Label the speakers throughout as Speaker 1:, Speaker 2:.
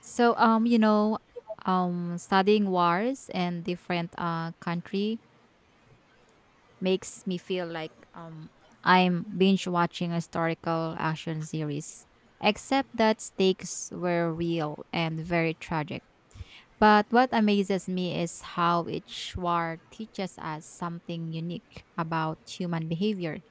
Speaker 1: So um, you know, Studying wars and different country makes me feel like I'm binge watching a historical action series. Except that stakes were real and very tragic. But what amazes me is how each war teaches us something unique about human behavior,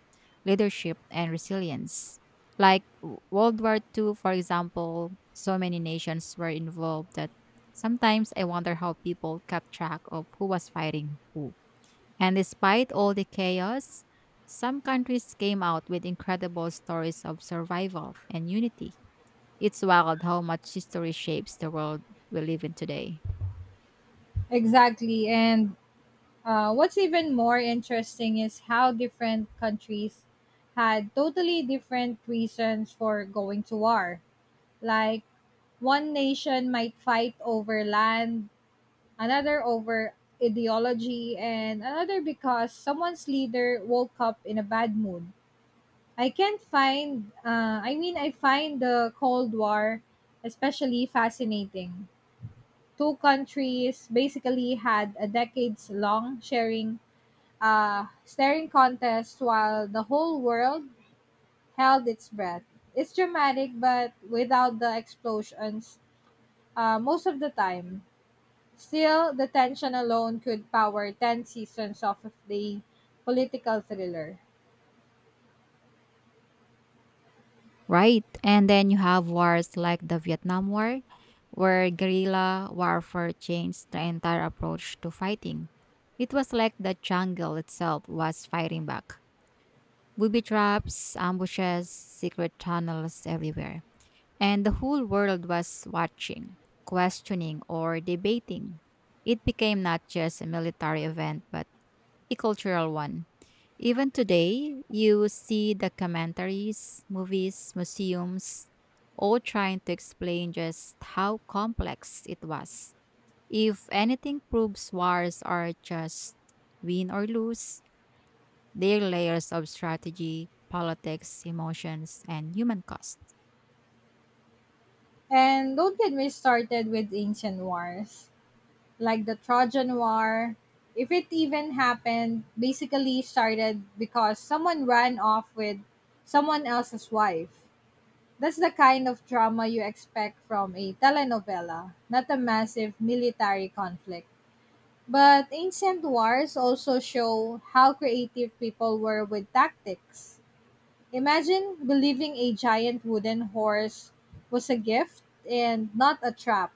Speaker 1: leadership, and resilience. Like World War Two, for example, so many nations were involved that sometimes I wonder how people kept track of who was fighting who. And despite all the chaos, some countries came out with incredible stories of survival and unity. It's wild how much history shapes the world we live in today.
Speaker 2: Exactly. And what's even more interesting is how different countries had totally different reasons for going to war. Like, one nation might fight over land, another over ideology, and another because someone's leader woke up in a bad mood. I can't find, I mean, I find the Cold War especially fascinating. Two countries basically had a decades long sharing staring contest while the whole world held its breath. It's dramatic, but without the explosions, most of the time. Still, the tension alone could power 10 seasons of the political thriller.
Speaker 1: Right. And then you have wars like the Vietnam War, where guerrilla warfare changed the entire approach to fighting. It was like the jungle itself was fighting back. Booby traps, ambushes, secret tunnels everywhere. And the whole world was watching, questioning, or debating. It became not just a military event, but a cultural one. Even today, you see documentaries, movies, museums, all trying to explain just how complex it was. If anything proves wars are just win or lose, they're layers of strategy, politics, emotions, and human cost.
Speaker 2: And don't get me started with ancient wars, like the Trojan War. If it even happened, basically started because someone ran off with someone else's wife. That's the kind of drama you expect from a telenovela, not a massive military conflict. But ancient wars also show how creative people were with tactics. Imagine believing a giant wooden horse was a gift and not a trap.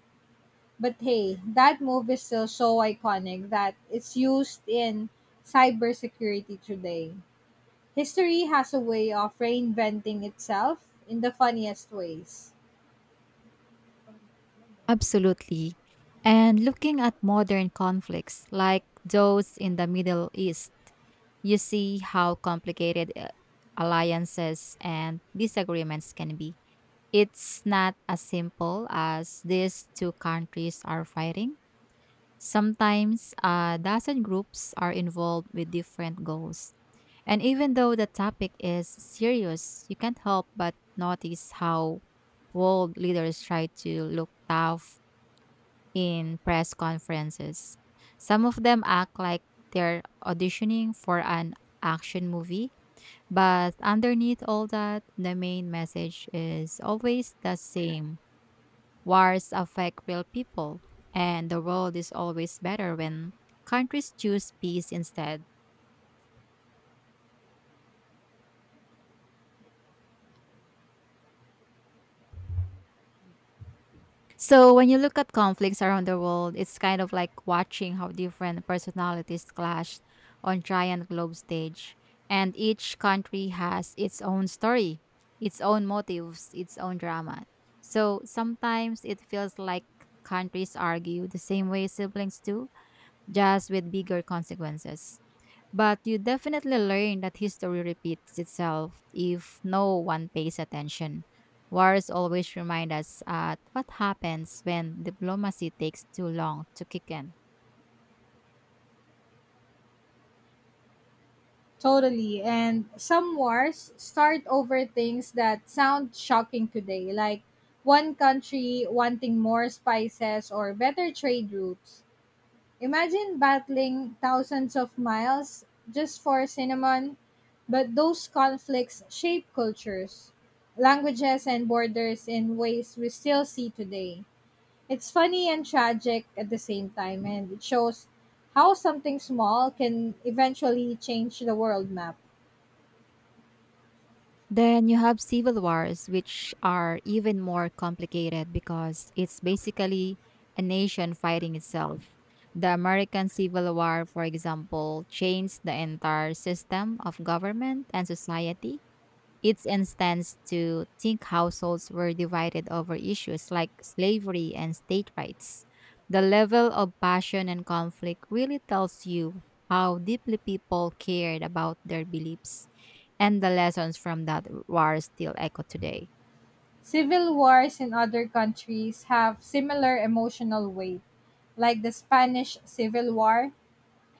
Speaker 2: But hey, that move is still so iconic that it's used in cybersecurity today. History has a way of reinventing itself in the funniest ways.
Speaker 1: Absolutely. And looking at modern conflicts like those in the Middle East, you see how complicated alliances and disagreements can be. It's not as simple as these two countries are fighting. Sometimes a dozen groups are involved with different goals. And even though the topic is serious, you can't help but notice how world leaders try to look tough in press conferences. Some of them act like they're auditioning for an action movie, but underneath all that, the main message is always the same. Wars affect real people, and the world is always better when countries choose peace instead. So when you look at conflicts around the world, it's kind of like watching how different personalities clash on giant globe stage. And each country has its own story, its own motives, its own drama. So sometimes it feels like countries argue the same way siblings do, just with bigger consequences. But you definitely learn that history repeats itself if no one pays attention. Wars always remind us at what happens when diplomacy takes too long to kick in.
Speaker 2: Totally. And some wars start over things that sound shocking today, like one country wanting more spices or better trade routes. Imagine battling thousands of miles just for cinnamon, but those conflicts shape cultures, languages, and borders in ways we still see today. It's funny and tragic at the same time, and it shows how something small can eventually change the world map.
Speaker 1: Then you have civil wars, which are even more complicated because it's basically a nation fighting itself. The American Civil War, for example, changed the entire system of government and society. It's instance to think households were divided over issues like slavery and state rights. The level of passion and conflict really tells you how deeply people cared about their beliefs, and the lessons from that war still echo today.
Speaker 2: Civil wars in other countries have similar emotional weight. Like the Spanish Civil War,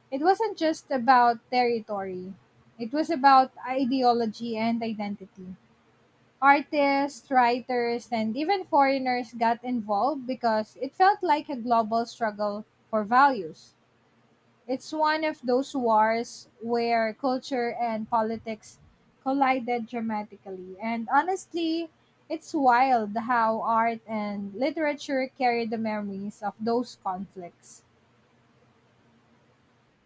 Speaker 2: it wasn't just about territory, it was about ideology and identity. Artists, writers, and even foreigners got involved because it felt like a global struggle for values. It's one of those wars where culture and politics collided dramatically. And honestly, it's wild how art and literature carry the memories of those conflicts.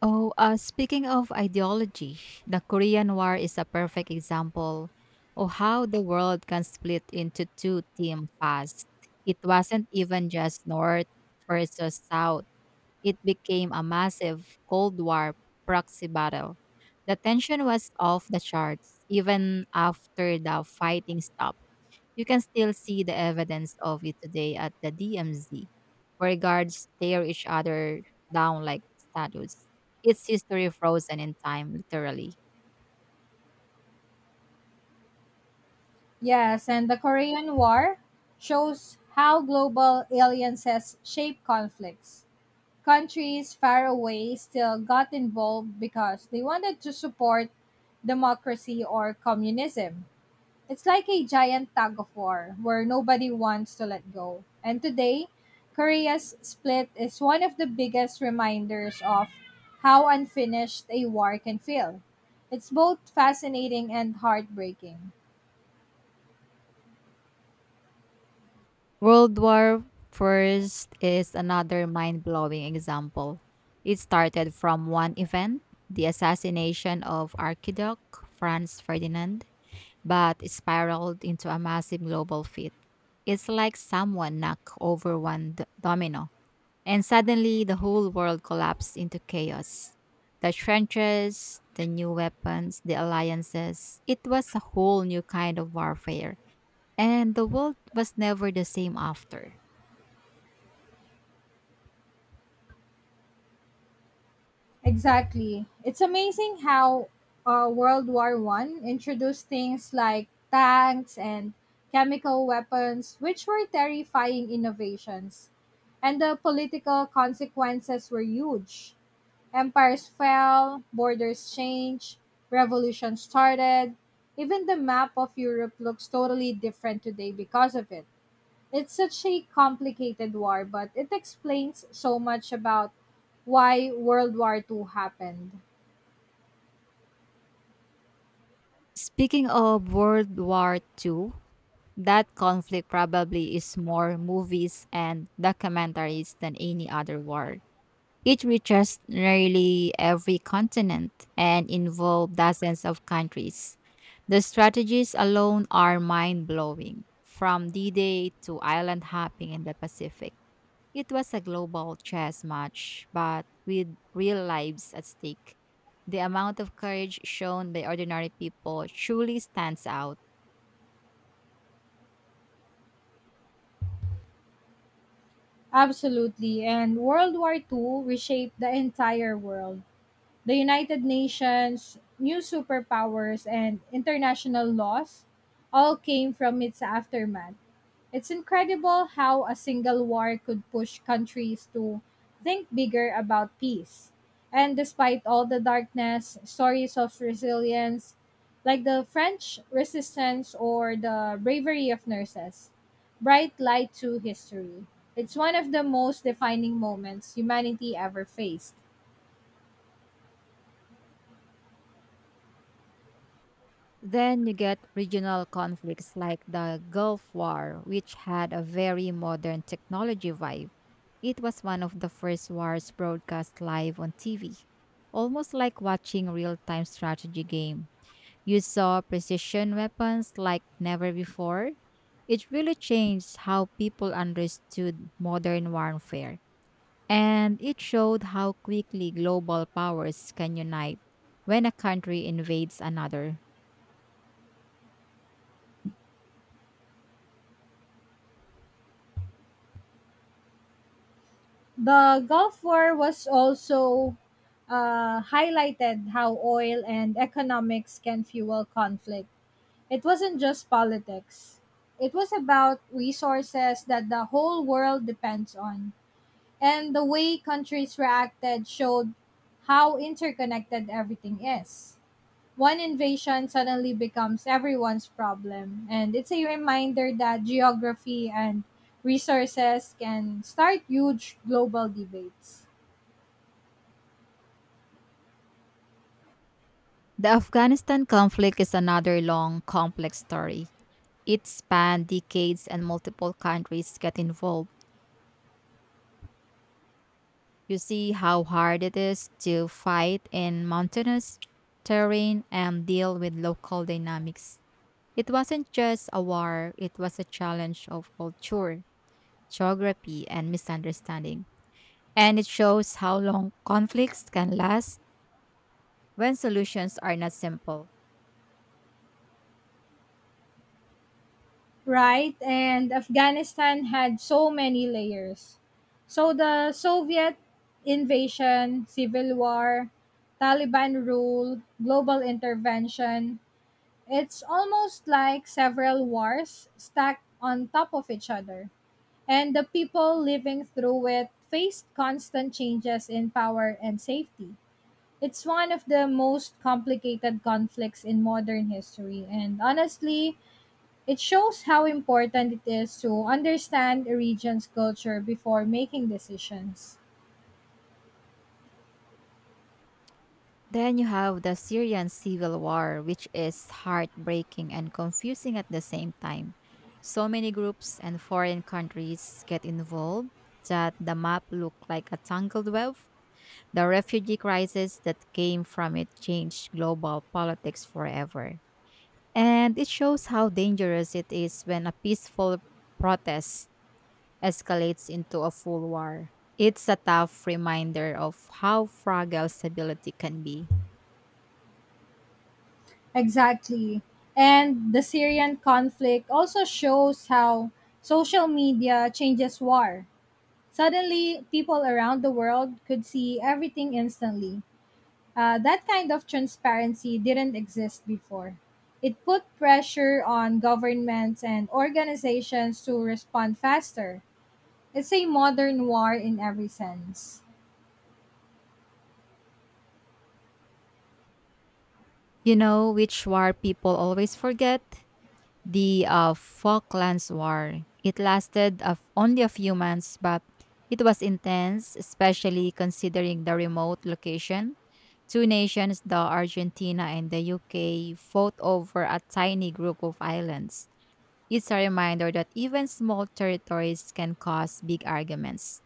Speaker 1: Oh, Speaking of ideology, the Korean War is a perfect example of how the world can split into two teams fast. It wasn't even just North versus South. It became a massive Cold War proxy battle. The tension was off the charts even after the fighting stopped. You can still see the evidence of it today at the DMZ, where guards stare each other down like statues. It's history frozen in time, literally.
Speaker 2: Yes, and the Korean War shows how global alliances shape conflicts. Countries far away still got involved because they wanted to support democracy or communism. It's like a giant tug of war where nobody wants to let go. And today, Korea's split is one of the biggest reminders of how unfinished a war can feel. It's both fascinating and heartbreaking.
Speaker 1: World War First is another mind-blowing example. It started from one event, the assassination of Archduke Franz Ferdinand, but it spiraled into a massive global fit. It's like someone knocked over one domino, and suddenly the whole world collapsed into chaos. The trenches, the new weapons, the alliances, it was a whole new kind of warfare, and the world was never the same after.
Speaker 2: Exactly. It's amazing how World War One introduced things like tanks and chemical weapons, which were terrifying innovations, and the political consequences were huge. Empires fell, borders changed, revolution started. Even the map of Europe looks totally different today because of it. It's such a complicated war, but it explains so much about why World War II happened.
Speaker 1: Speaking of World War II, that conflict probably is more movies and documentaries than any other war. It reaches nearly every continent and involves dozens of countries. The strategies alone are mind blowing, from D Day to island hopping in the Pacific. It was a global chess match, but with real lives at stake. The amount of courage shown by ordinary people truly stands out.
Speaker 2: Absolutely. And World War II reshaped the entire world. The United Nations, new superpowers, and international laws all came from its aftermath. It's incredible how a single war could push countries to think bigger about peace. And despite all the darkness, stories of resilience, like the French resistance or the bravery of nurses, bright light to history. It's one of the most defining moments humanity ever faced.
Speaker 1: Then you get regional conflicts like the Gulf War, which had a very modern technology vibe. It was one of the first wars broadcast live on TV, almost like watching a real time strategy game. You saw precision weapons like never before. It really changed how people understood modern warfare, and it showed how quickly global powers can unite when a country invades another.
Speaker 2: The Gulf War was also highlighted how oil and economics can fuel conflict. It wasn't just politics. It was about resources that the whole world depends on. And the way countries reacted showed how interconnected everything is. One invasion suddenly becomes everyone's problem. And it's a reminder that geography and resources can start huge global debates.
Speaker 1: The Afghanistan conflict is another long, complex story. It spanned decades and multiple countries get involved. You see how hard it is to fight in mountainous terrain and deal with local dynamics. It wasn't just a war, it was a challenge of culture, geography, and misunderstanding. And it shows how long conflicts can last when solutions are not simple.
Speaker 2: Right? And Afghanistan had so many layers. So the Soviet invasion, civil war, Taliban rule, global intervention, it's almost like several wars stacked on top of each other. And the people living through it faced constant changes in power and safety. It's one of the most complicated conflicts in modern history, and honestly, it shows how important it is to understand a region's culture before making decisions.
Speaker 1: Then you have the Syrian civil war, which is heartbreaking and confusing at the same time. So many groups and foreign countries get involved that the map looked like a tangled web. The refugee crisis that came from it changed global politics forever. And it shows how dangerous it is when a peaceful protest escalates into a full war. It's a tough reminder of how fragile stability can be.
Speaker 2: Exactly. And the Syrian conflict also shows how social media changes war. Suddenly, people around the world could see everything instantly. That kind of transparency didn't exist before. It put pressure on governments and organizations to respond faster. It's a modern war in every sense.
Speaker 1: You know which war people always forget? The Falklands War. It lasted of only a few months, but it was intense, especially considering the remote location. Two nations, the Argentina and the UK, fought over a tiny group of islands. It's a reminder that even small territories can cause big arguments.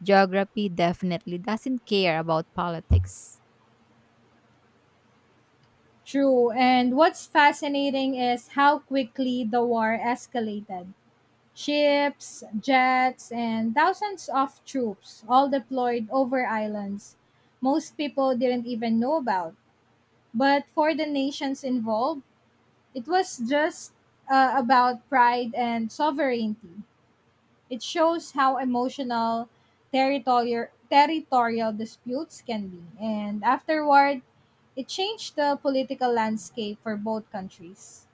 Speaker 1: Geography definitely doesn't care about politics.
Speaker 2: True, and what's fascinating is how quickly the war escalated. Ships, jets, and thousands of troops, all deployed over islands most people didn't even know about. But for the nations involved, it was just about pride and sovereignty. It shows how emotional territorial disputes can be, and afterward, it changed the political landscape for both countries.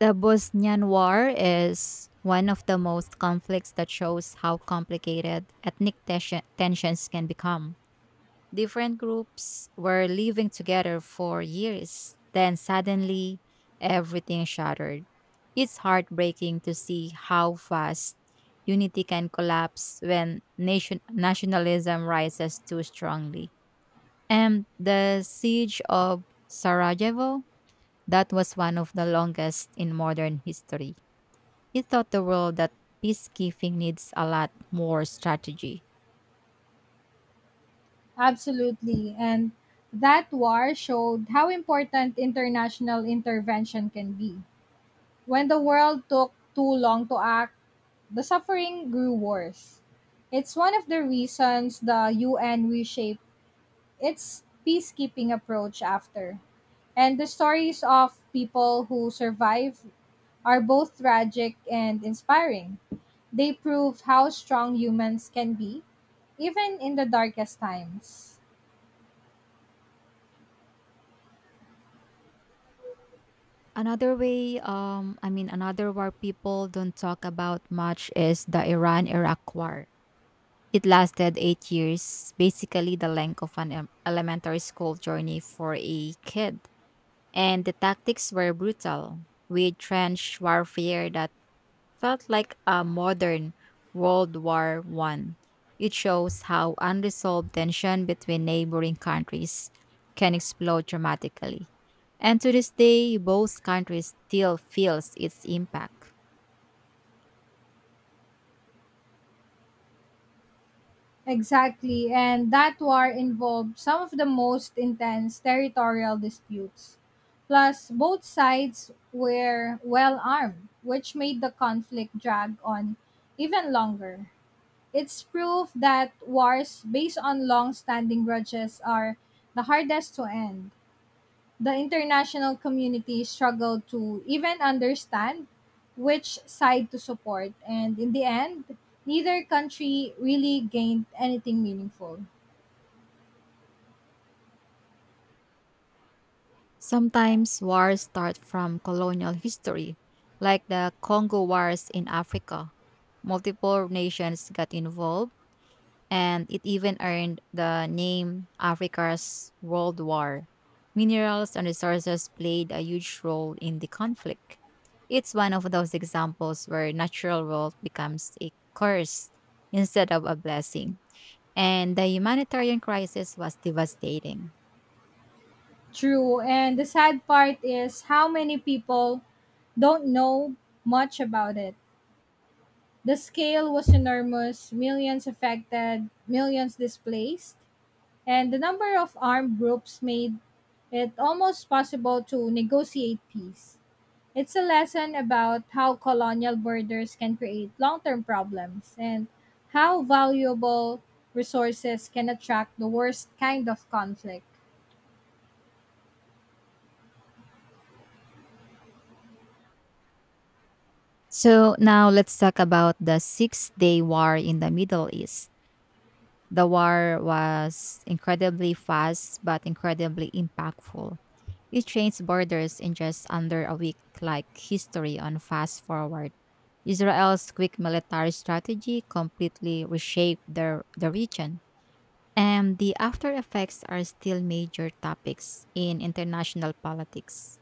Speaker 1: The Bosnian War is one of the most conflicts that shows how complicated tensions can become. Different groups were living together for years, then suddenly everything shattered. It's heartbreaking to see how fast unity can collapse when nationalism rises too strongly. And the siege of Sarajevo, that was one of the longest in modern history. It taught the world that peacekeeping needs a lot more strategy.
Speaker 2: Absolutely, and that war showed how important international intervention can be. When the world took too long to act, the suffering grew worse. It's one of the reasons the UN reshaped its peacekeeping approach after. And the stories of people who survive are both tragic and inspiring. They prove how strong humans can be, even in the darkest times.
Speaker 1: Another way, I mean, Another war people don't talk about much is the Iran Iraq War. It lasted 8 years, basically the length of an elementary school journey for a kid. And the tactics were brutal, with trench warfare that felt like a modern World War One. It shows how unresolved tension between neighboring countries can explode dramatically. And to this day, both countries still feels its impact.
Speaker 2: Exactly, and that war involved some of the most intense territorial disputes. Plus, both sides were well armed, which made the conflict drag on even longer. It's proof that wars based on long standing grudges are the hardest to end. The international community struggled to even understand which side to support, and in the end, neither country really gained anything meaningful.
Speaker 1: Sometimes wars start from colonial history, like the Congo Wars in Africa. Multiple nations got involved and it even earned the name Africa's World War. Minerals and resources played a huge role in the conflict. It's one of those examples where natural wealth becomes a curse instead of a blessing. And the humanitarian crisis was devastating.
Speaker 2: True, and the sad part is how many people don't know much about it. The scale was enormous millions affected, millions displaced, and the number of armed groups made it almost possible to negotiate peace. It's a lesson about how colonial borders can create long term problems and how valuable resources can attract the worst kind of conflict.
Speaker 1: So, now let's talk about the Six Day War in the Middle East. The war was incredibly fast but incredibly impactful. It changed borders in just under a week, like history on fast forward. Israel's quick military strategy completely reshaped the region. And the after effects are still major topics in international politics.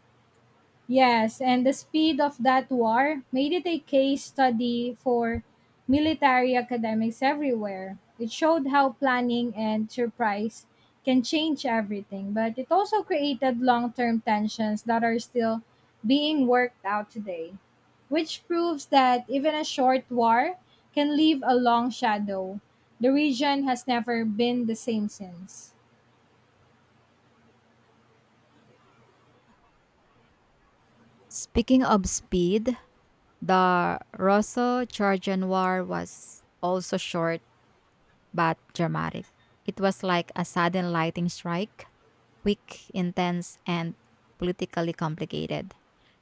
Speaker 2: Yes, and the speed of that war made it a case study for military academics everywhere. It showed how planning and surprise can change everything, but it also created long term tensions that are still being worked out today, which proves that even a short war can leave a long shadow. The region has never been the same since.
Speaker 1: Speaking of speed, the Russo Georgian War was also short but dramatic. It was like a sudden lightning strike, quick, intense, and politically complicated.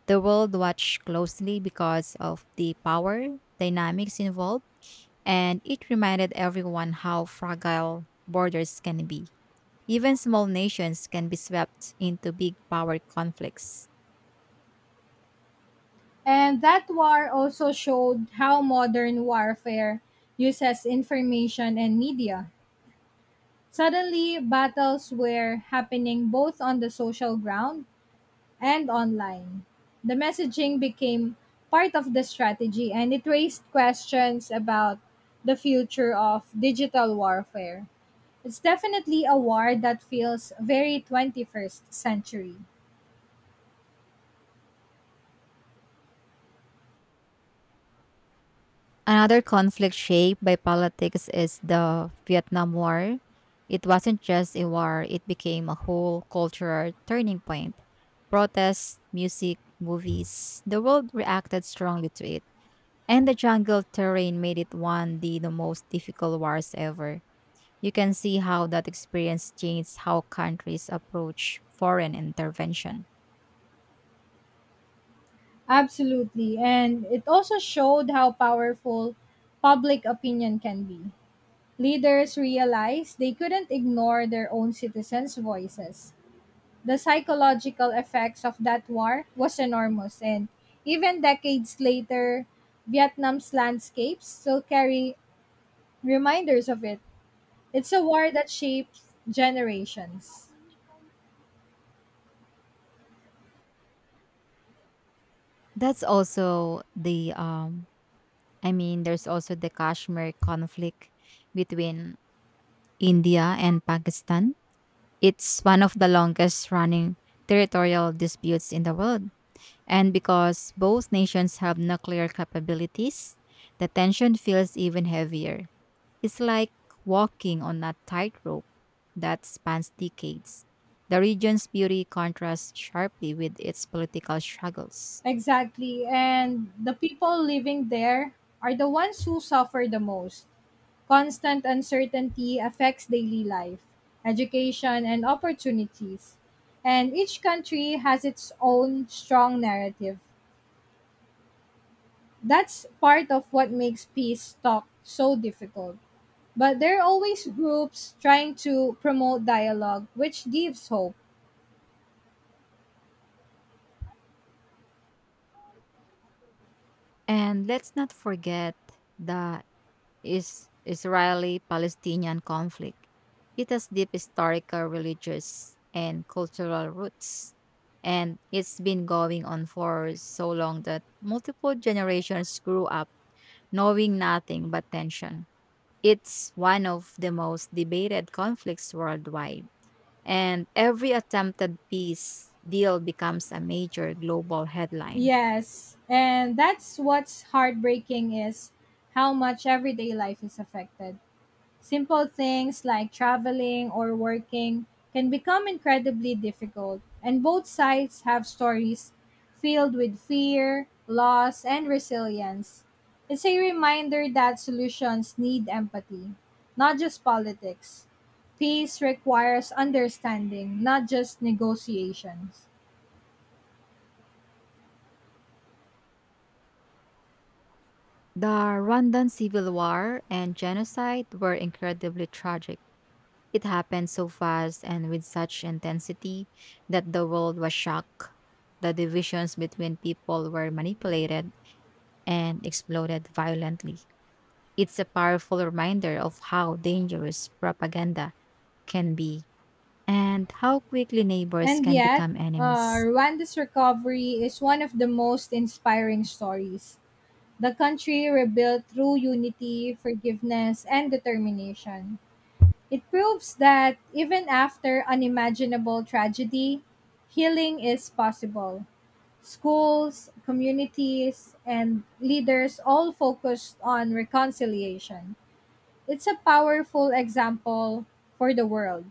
Speaker 1: The world watched closely because of the power dynamics involved, and it reminded everyone how fragile borders can be. Even small nations can be swept into big power conflicts.
Speaker 2: And that war also showed how modern warfare uses information and media. Suddenly, battles were happening both on the social ground and online. The messaging became part of the strategy and it raised questions about the future of digital warfare. It's definitely a war that feels very 21st century.
Speaker 1: Another conflict shaped by politics is the Vietnam War. It wasn't just a war, it became a whole cultural turning point. Protests, music, movies, the world reacted strongly to it. And the jungle terrain made it one of the most difficult wars ever. You can see how that experience changed how countries approach foreign intervention.
Speaker 2: Absolutely. And it also showed how powerful public opinion can be. Leaders realized they couldn't ignore their own citizens' voices. The psychological effects of that war was enormous and even decades later, Vietnam's landscapes still carry reminders of it. It's a war that shapes generations.
Speaker 1: That's also the I mean There's also the Kashmir conflict between India and Pakistan. It's one of the longest running territorial disputes in the world. And because both nations have nuclear capabilities, the tension feels even heavier. It's like walking on a tightrope that spans decades. The region's beauty contrasts sharply with its political struggles.
Speaker 2: Exactly. And the people living there are the ones who suffer the most. Constant uncertainty affects daily life, education, and opportunities. And each country has its own strong narrative. That's part of what makes peace talk so difficult. But there are always groups trying to promote dialogue, which gives hope.
Speaker 1: And let's not forget the is Israeli-Palestinian conflict. It has deep historical, religious, and cultural roots, and it's been going on for so long that multiple generations grew up knowing nothing but tension. It's one of the most debated conflicts worldwide, and every attempted peace deal becomes a major global headline.
Speaker 2: Yes, and that's what's heartbreaking is how much everyday life is affected. Simple things like traveling or working can become incredibly difficult, and both sides have stories filled with fear, loss, and resilience. It's a reminder that solutions need empathy, not just politics. Peace requires understanding, not just negotiations.
Speaker 1: The Rwandan civil war and genocide were incredibly tragic. It happened so fast and with such intensity that the world was shocked. The divisions between people were manipulated and exploded violently. It's a powerful reminder of how dangerous propaganda can be and how quickly neighbors
Speaker 2: And
Speaker 1: can
Speaker 2: yet,
Speaker 1: become enemies.
Speaker 2: Rwanda's recovery is one of the most inspiring stories. The country rebuilt through unity, forgiveness, and determination. It proves that even after unimaginable tragedy, healing is possible. Schools, communities, and leaders all focused on reconciliation. It's a powerful example for the world.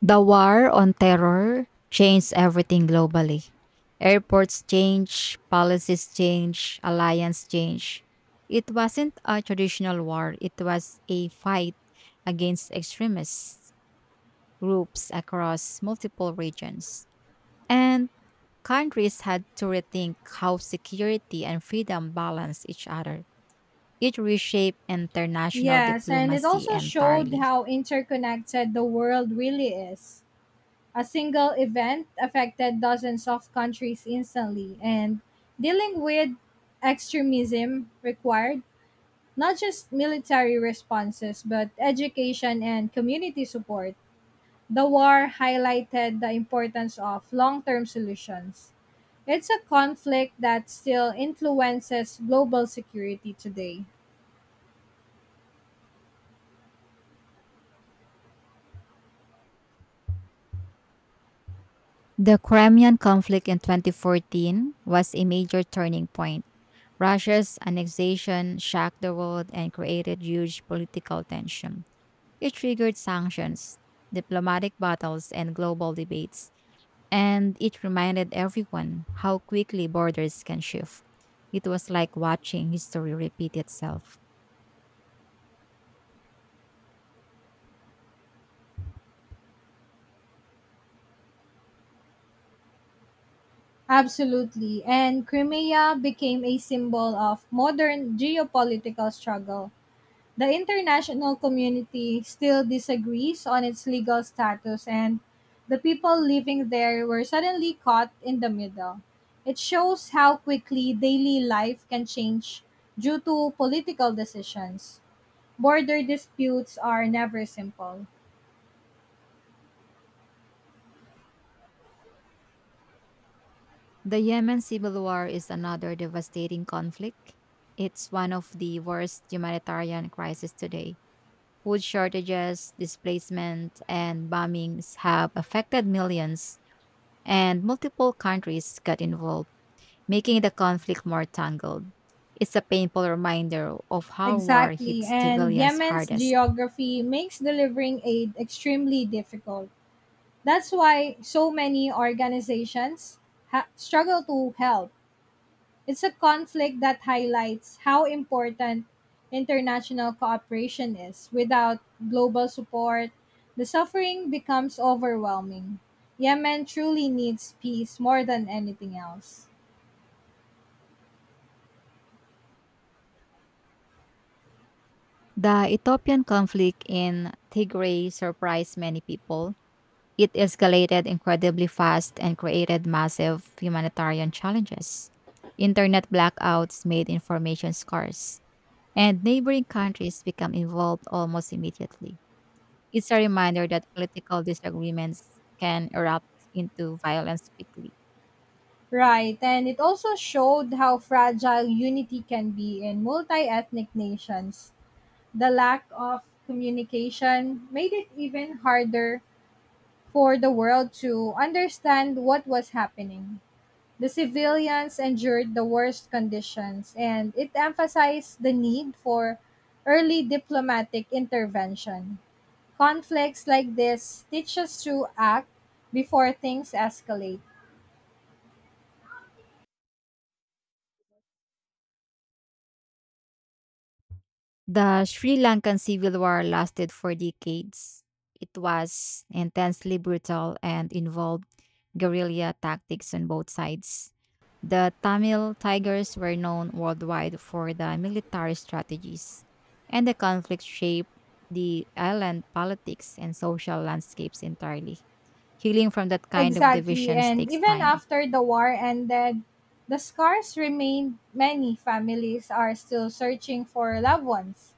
Speaker 1: The war on terror changed everything globally. Airports change, policies change, alliance change. It wasn't a traditional war, it was a fight against extremist groups across multiple regions. And countries had to rethink how security and freedom balance each other. It reshaped international
Speaker 2: Yes, and it
Speaker 1: diplomacy
Speaker 2: also showed
Speaker 1: entirely.
Speaker 2: how interconnected the world really is. A single event affected dozens of countries instantly, and dealing with extremism required not just military responses, but education and community support. The war highlighted the importance of long term solutions. It's a conflict that still influences global security today.
Speaker 1: The Crimean conflict in 2014 was a major turning point. Russia's annexation shocked the world and created huge political tension. It triggered sanctions, diplomatic battles, and global debates, and it reminded everyone how quickly borders can shift. It was like watching history repeat itself.
Speaker 2: Absolutely. And Crimea became a symbol of modern geopolitical struggle. The international community still disagrees on its legal status, and the people living there were suddenly caught in the middle. It shows how quickly daily life can change due to political decisions. Border disputes are never simple.
Speaker 1: The Yemen civil war is another devastating conflict. It's one of the worst humanitarian crises today. Food shortages, displacement, and bombings have affected millions, and multiple countries got involved, making the conflict more tangled. It's a painful reminder of how war
Speaker 2: Exactly,
Speaker 1: hits
Speaker 2: and
Speaker 1: civilians
Speaker 2: Yemen's
Speaker 1: hardest.
Speaker 2: geography makes delivering aid extremely difficult. That's why so many organizations struggle to help. It's a conflict that highlights how important international cooperation is. Without global support, the suffering becomes overwhelming. Yemen truly needs peace more than anything else.
Speaker 1: The Ethiopian conflict in Tigray surprised many people. It escalated incredibly fast and created massive humanitarian challenges. Internet blackouts made information scarce and neighboring countries become involved almost immediately. It's a reminder that political disagreements can erupt into violence quickly.
Speaker 2: Right, and it also showed how fragile unity can be in multi ethnic nations. The lack of communication made it even harder for the world to understand what was happening. The civilians endured the worst conditions, and it emphasized the need for early diplomatic intervention. Conflicts like this teach us to act before things escalate.
Speaker 1: The Sri Lankan civil war lasted for decades. It was intensely brutal and involved guerrilla tactics on both sides. The Tamil Tigers were known worldwide for the military strategies, and the conflict shaped the island politics and social landscapes entirely. Healing from that kind of
Speaker 2: Exactly,
Speaker 1: divisions
Speaker 2: and
Speaker 1: takes
Speaker 2: even
Speaker 1: time.
Speaker 2: after the war ended, the scars remained. Many families are still searching for loved ones.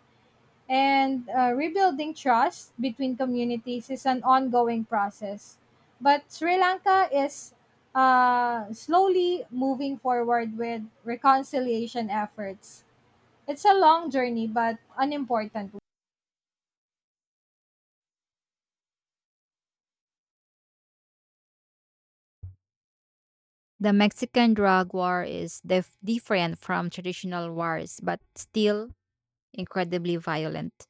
Speaker 2: And rebuilding trust between communities is an ongoing process. But Sri Lanka is slowly moving forward with reconciliation efforts. It's a long journey, but an important one.
Speaker 1: The Mexican drug war is different from traditional wars, but still incredibly violent.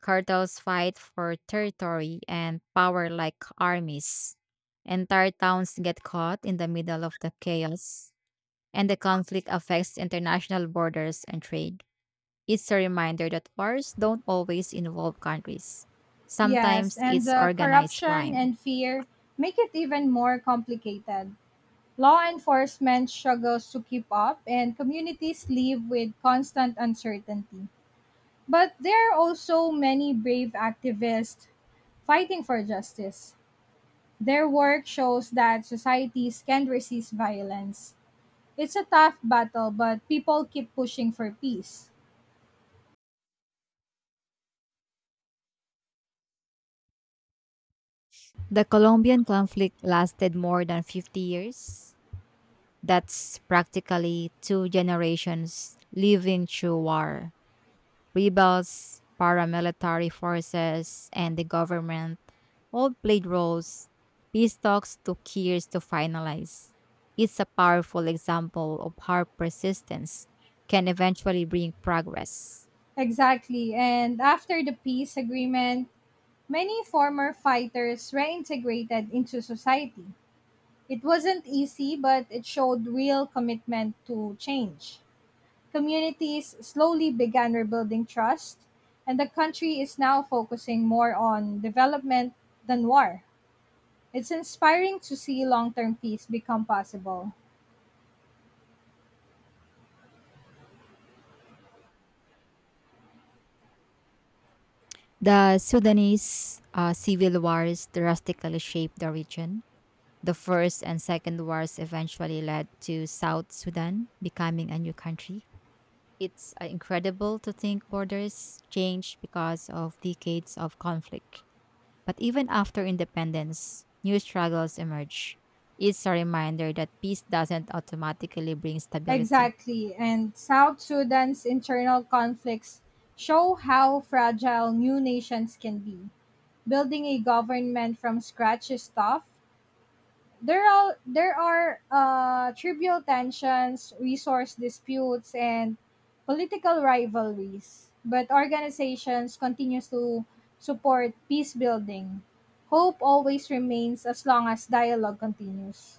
Speaker 1: Cartels fight for territory and power like armies. Entire towns get caught in the middle of the chaos, and the conflict affects international borders and trade. It's a reminder that wars don't always involve countries.
Speaker 2: Yes,
Speaker 1: Sometimes
Speaker 2: and
Speaker 1: it's
Speaker 2: the
Speaker 1: organized
Speaker 2: corruption
Speaker 1: crime.
Speaker 2: and fear make it even more complicated. Law enforcement struggles to keep up, and communities live with constant uncertainty. But there are also many brave activists fighting for justice. Their work shows that societies can resist violence. It's a tough battle, but people keep pushing for peace.
Speaker 1: The Colombian conflict lasted more than 50 years. That's practically two generations living through war. Rebels, paramilitary forces, and the government all played roles. Peace talks took years to finalize. It's a powerful example of how persistence can eventually bring progress.
Speaker 2: Exactly, and after the peace agreement, many former fighters reintegrated into society. It wasn't easy, but it showed real commitment to change. Communities slowly began rebuilding trust, and the country is now focusing more on development than war. It's inspiring to see long term peace become possible.
Speaker 1: The Sudanese civil wars drastically shaped the region. The first and second wars eventually led to South Sudan becoming a new country. It's incredible to think borders changed because of decades of conflict. But even after independence, new struggles emerge. It's a reminder that peace doesn't automatically bring stability.
Speaker 2: Exactly, and South Sudan's internal conflicts show how fragile new nations can be. Building a government from scratch is tough. There are tribal tensions, resource disputes, and political rivalries. But organizations continue to support peace building. Hope always remains as long as dialogue continues.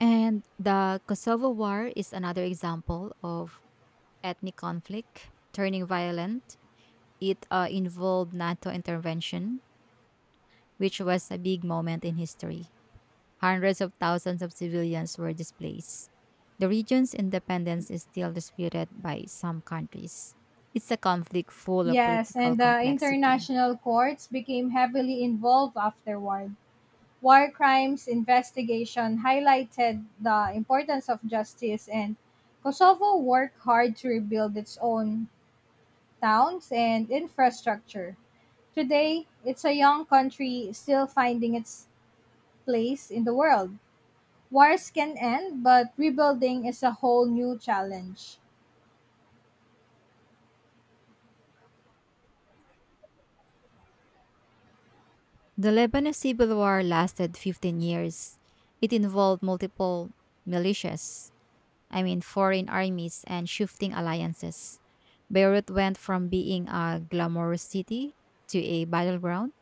Speaker 1: And the Kosovo War is another example of ethnic conflict turning violent. It involved NATO intervention, which was a big moment in history. Hundreds of thousands of civilians were displaced. The region's independence is still disputed by some countries. It's a conflict full of
Speaker 2: Yes,
Speaker 1: political
Speaker 2: and the
Speaker 1: complexity.
Speaker 2: international courts became heavily involved afterward. War crimes investigation highlighted the importance of justice, and Kosovo worked hard to rebuild its own towns and infrastructure. Today, it's a young country still finding its place in the world. Wars can end, but rebuilding is a whole new challenge.
Speaker 1: The Lebanese Civil War lasted 15 years. It involved multiple militias, I mean foreign armies and shifting alliances. Beirut went from being a glamorous city to a battleground.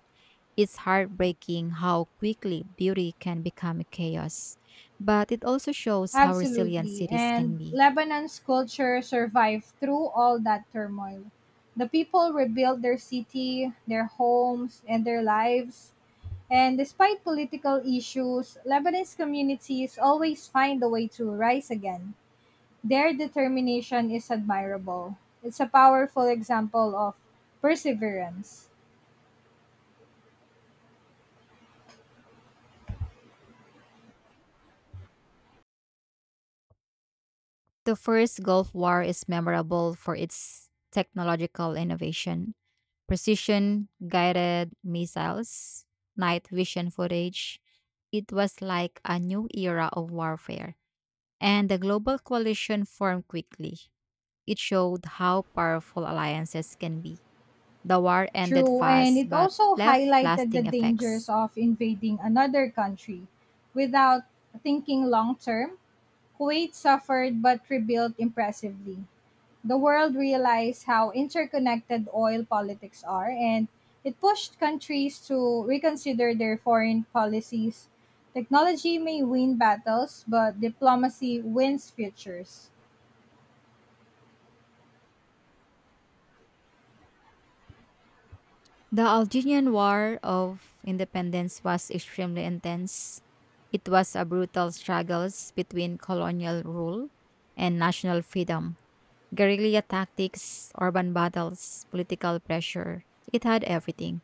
Speaker 1: It's heartbreaking how quickly beauty can become a chaos, but it also shows how resilient
Speaker 2: Absolutely.
Speaker 1: cities can
Speaker 2: And
Speaker 1: be.
Speaker 2: Lebanon's culture survived through all that turmoil. The people rebuilt their city, their homes, and their lives. And despite political issues, Lebanese communities always find a way to rise again. Their determination is admirable. It's a powerful example of perseverance.
Speaker 1: The first Gulf War is memorable for its technological innovation. Precision guided missiles, night vision footage. It was like a new era of warfare, and the global coalition formed quickly. It showed how powerful alliances can be. The war ended
Speaker 2: True, and
Speaker 1: fast
Speaker 2: it
Speaker 1: but
Speaker 2: also
Speaker 1: left
Speaker 2: highlighted the
Speaker 1: lasting
Speaker 2: dangers
Speaker 1: effects.
Speaker 2: of invading another country without thinking long term. Kuwait suffered but rebuilt impressively. The world realized how interconnected oil politics are, and it pushed countries to reconsider their foreign policies. Technology may win battles, but diplomacy wins futures.
Speaker 1: The Algerian War of Independence was extremely intense. It was a brutal struggle between colonial rule and national freedom. Guerrilla tactics, urban battles, political pressure. It had everything.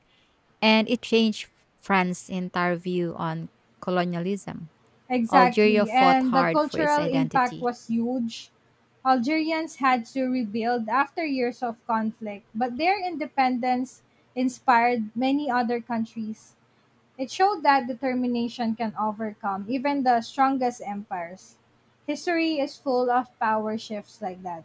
Speaker 1: And it changed France's entire view on colonialism. Algeria
Speaker 2: Exactly,
Speaker 1: fought
Speaker 2: and the
Speaker 1: hard for its
Speaker 2: cultural impact
Speaker 1: identity.
Speaker 2: was huge. Algerians had to rebuild after years of conflict, but their independence inspired many other countries. It showed that determination can overcome even the strongest empires. History is full of power shifts like that.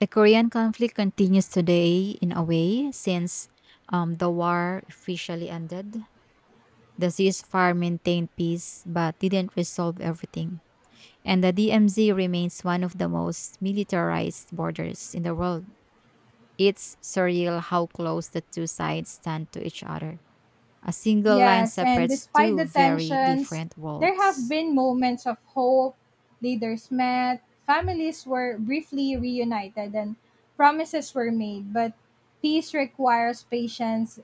Speaker 1: The Korean conflict continues today, in a way, since the war officially ended. The ceasefire maintained peace but didn't resolve everything. And the DMZ remains one of the most militarized borders in the world. It's surreal how close the two sides stand to each other. A single line
Speaker 2: Yes, and
Speaker 1: separates
Speaker 2: despite
Speaker 1: two
Speaker 2: the
Speaker 1: very
Speaker 2: tensions,
Speaker 1: different
Speaker 2: there have
Speaker 1: worlds.
Speaker 2: been moments of hope, leaders met, families were briefly reunited, and promises were made. But peace requires patience.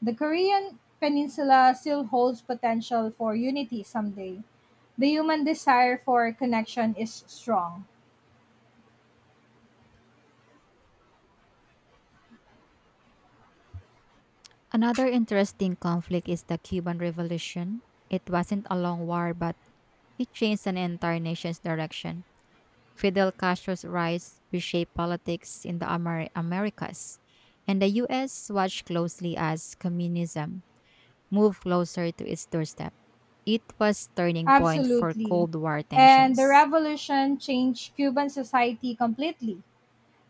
Speaker 2: The Korean peninsula still holds potential for unity someday. The human desire for connection is strong.
Speaker 1: Another interesting conflict is the Cuban Revolution. It wasn't a long war, but it changed an entire nation's direction. Fidel Castro's rise reshaped politics in the Americas, and the U.S. watched closely as communism moved closer to its doorstep. It was turning point for
Speaker 2: Absolutely.
Speaker 1: Cold War
Speaker 2: And the
Speaker 1: tensions.
Speaker 2: revolution changed Cuban society completely.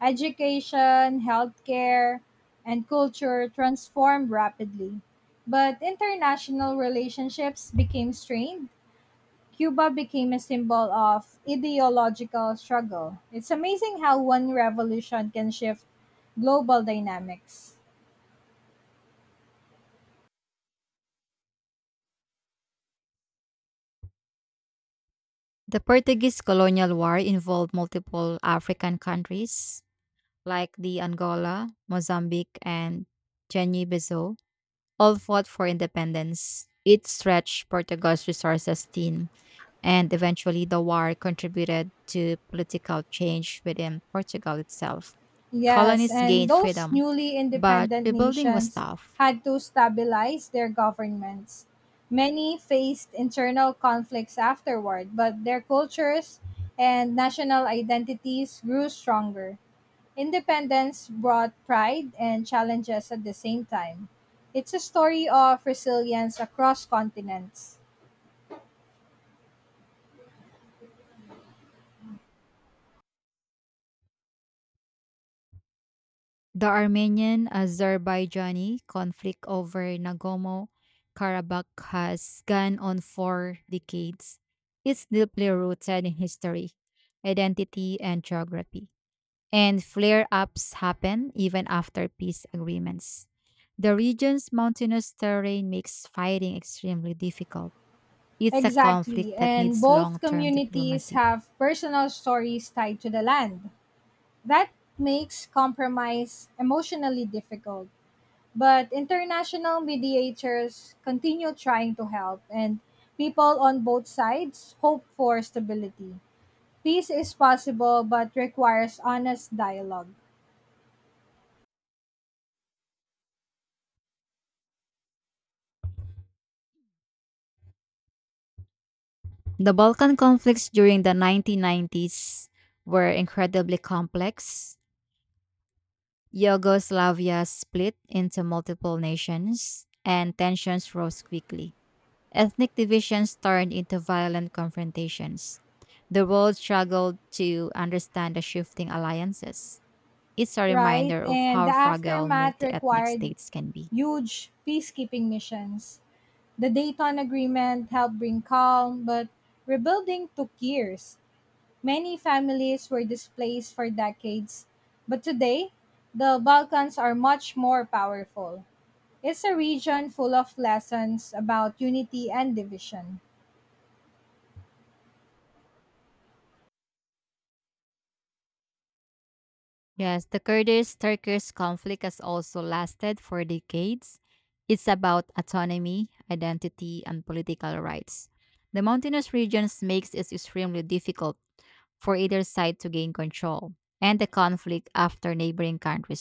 Speaker 2: Education, healthcare, and culture transformed rapidly. But international relationships became strained. Cuba became a symbol of ideological struggle. It's amazing how one revolution can shift global dynamics.
Speaker 1: The Portuguese colonial war involved multiple African countries like the Angola, Mozambique, and Guinea-Bissau, all fought for independence. It stretched Portugal's resources thin, and eventually the war contributed to political change within Portugal itself.
Speaker 2: Yes,
Speaker 1: Colonists
Speaker 2: and
Speaker 1: gained
Speaker 2: those
Speaker 1: freedom,
Speaker 2: newly
Speaker 1: but
Speaker 2: independent
Speaker 1: rebuilding was
Speaker 2: nations
Speaker 1: tough.
Speaker 2: had to stabilize their governments. Many faced internal conflicts afterward, but their cultures and national identities grew stronger. Independence brought pride and challenges at the same time. It's a story of resilience across continents.
Speaker 1: The Armenian Azerbaijani conflict over Nagorno Karabakh has gone on for decades. It's deeply rooted in history, identity, and geography. And flare ups happen even after peace agreements. The region's mountainous terrain makes fighting extremely difficult. It's a conflict
Speaker 2: Exactly,
Speaker 1: that
Speaker 2: and
Speaker 1: needs
Speaker 2: both
Speaker 1: long term
Speaker 2: communities
Speaker 1: diplomacy.
Speaker 2: have personal stories tied to the land. That makes compromise emotionally difficult. But international mediators continue trying to help, and people on both sides hope for stability. Peace is possible but requires honest dialogue.
Speaker 1: The Balkan conflicts during the 1990s were incredibly complex. Yugoslavia split into multiple nations, and tensions rose quickly. Ethnic divisions turned into violent confrontations. The world struggled to understand the shifting alliances. It's a
Speaker 2: Right?
Speaker 1: reminder of
Speaker 2: And
Speaker 1: how
Speaker 2: the
Speaker 1: fragile
Speaker 2: aftermath
Speaker 1: multi ethnic
Speaker 2: required
Speaker 1: states can be.
Speaker 2: huge peacekeeping missions. The Dayton Agreement helped bring calm, but rebuilding took years. Many families were displaced for decades, but today, the Balkans are much more powerful. It's a region full of lessons about unity and division.
Speaker 1: Yes, the Kurdish Turkish conflict has also lasted for decades. It's about autonomy, identity, and political rights. The mountainous regions makes it extremely difficult for either side to gain control, and the conflict after neighboring countries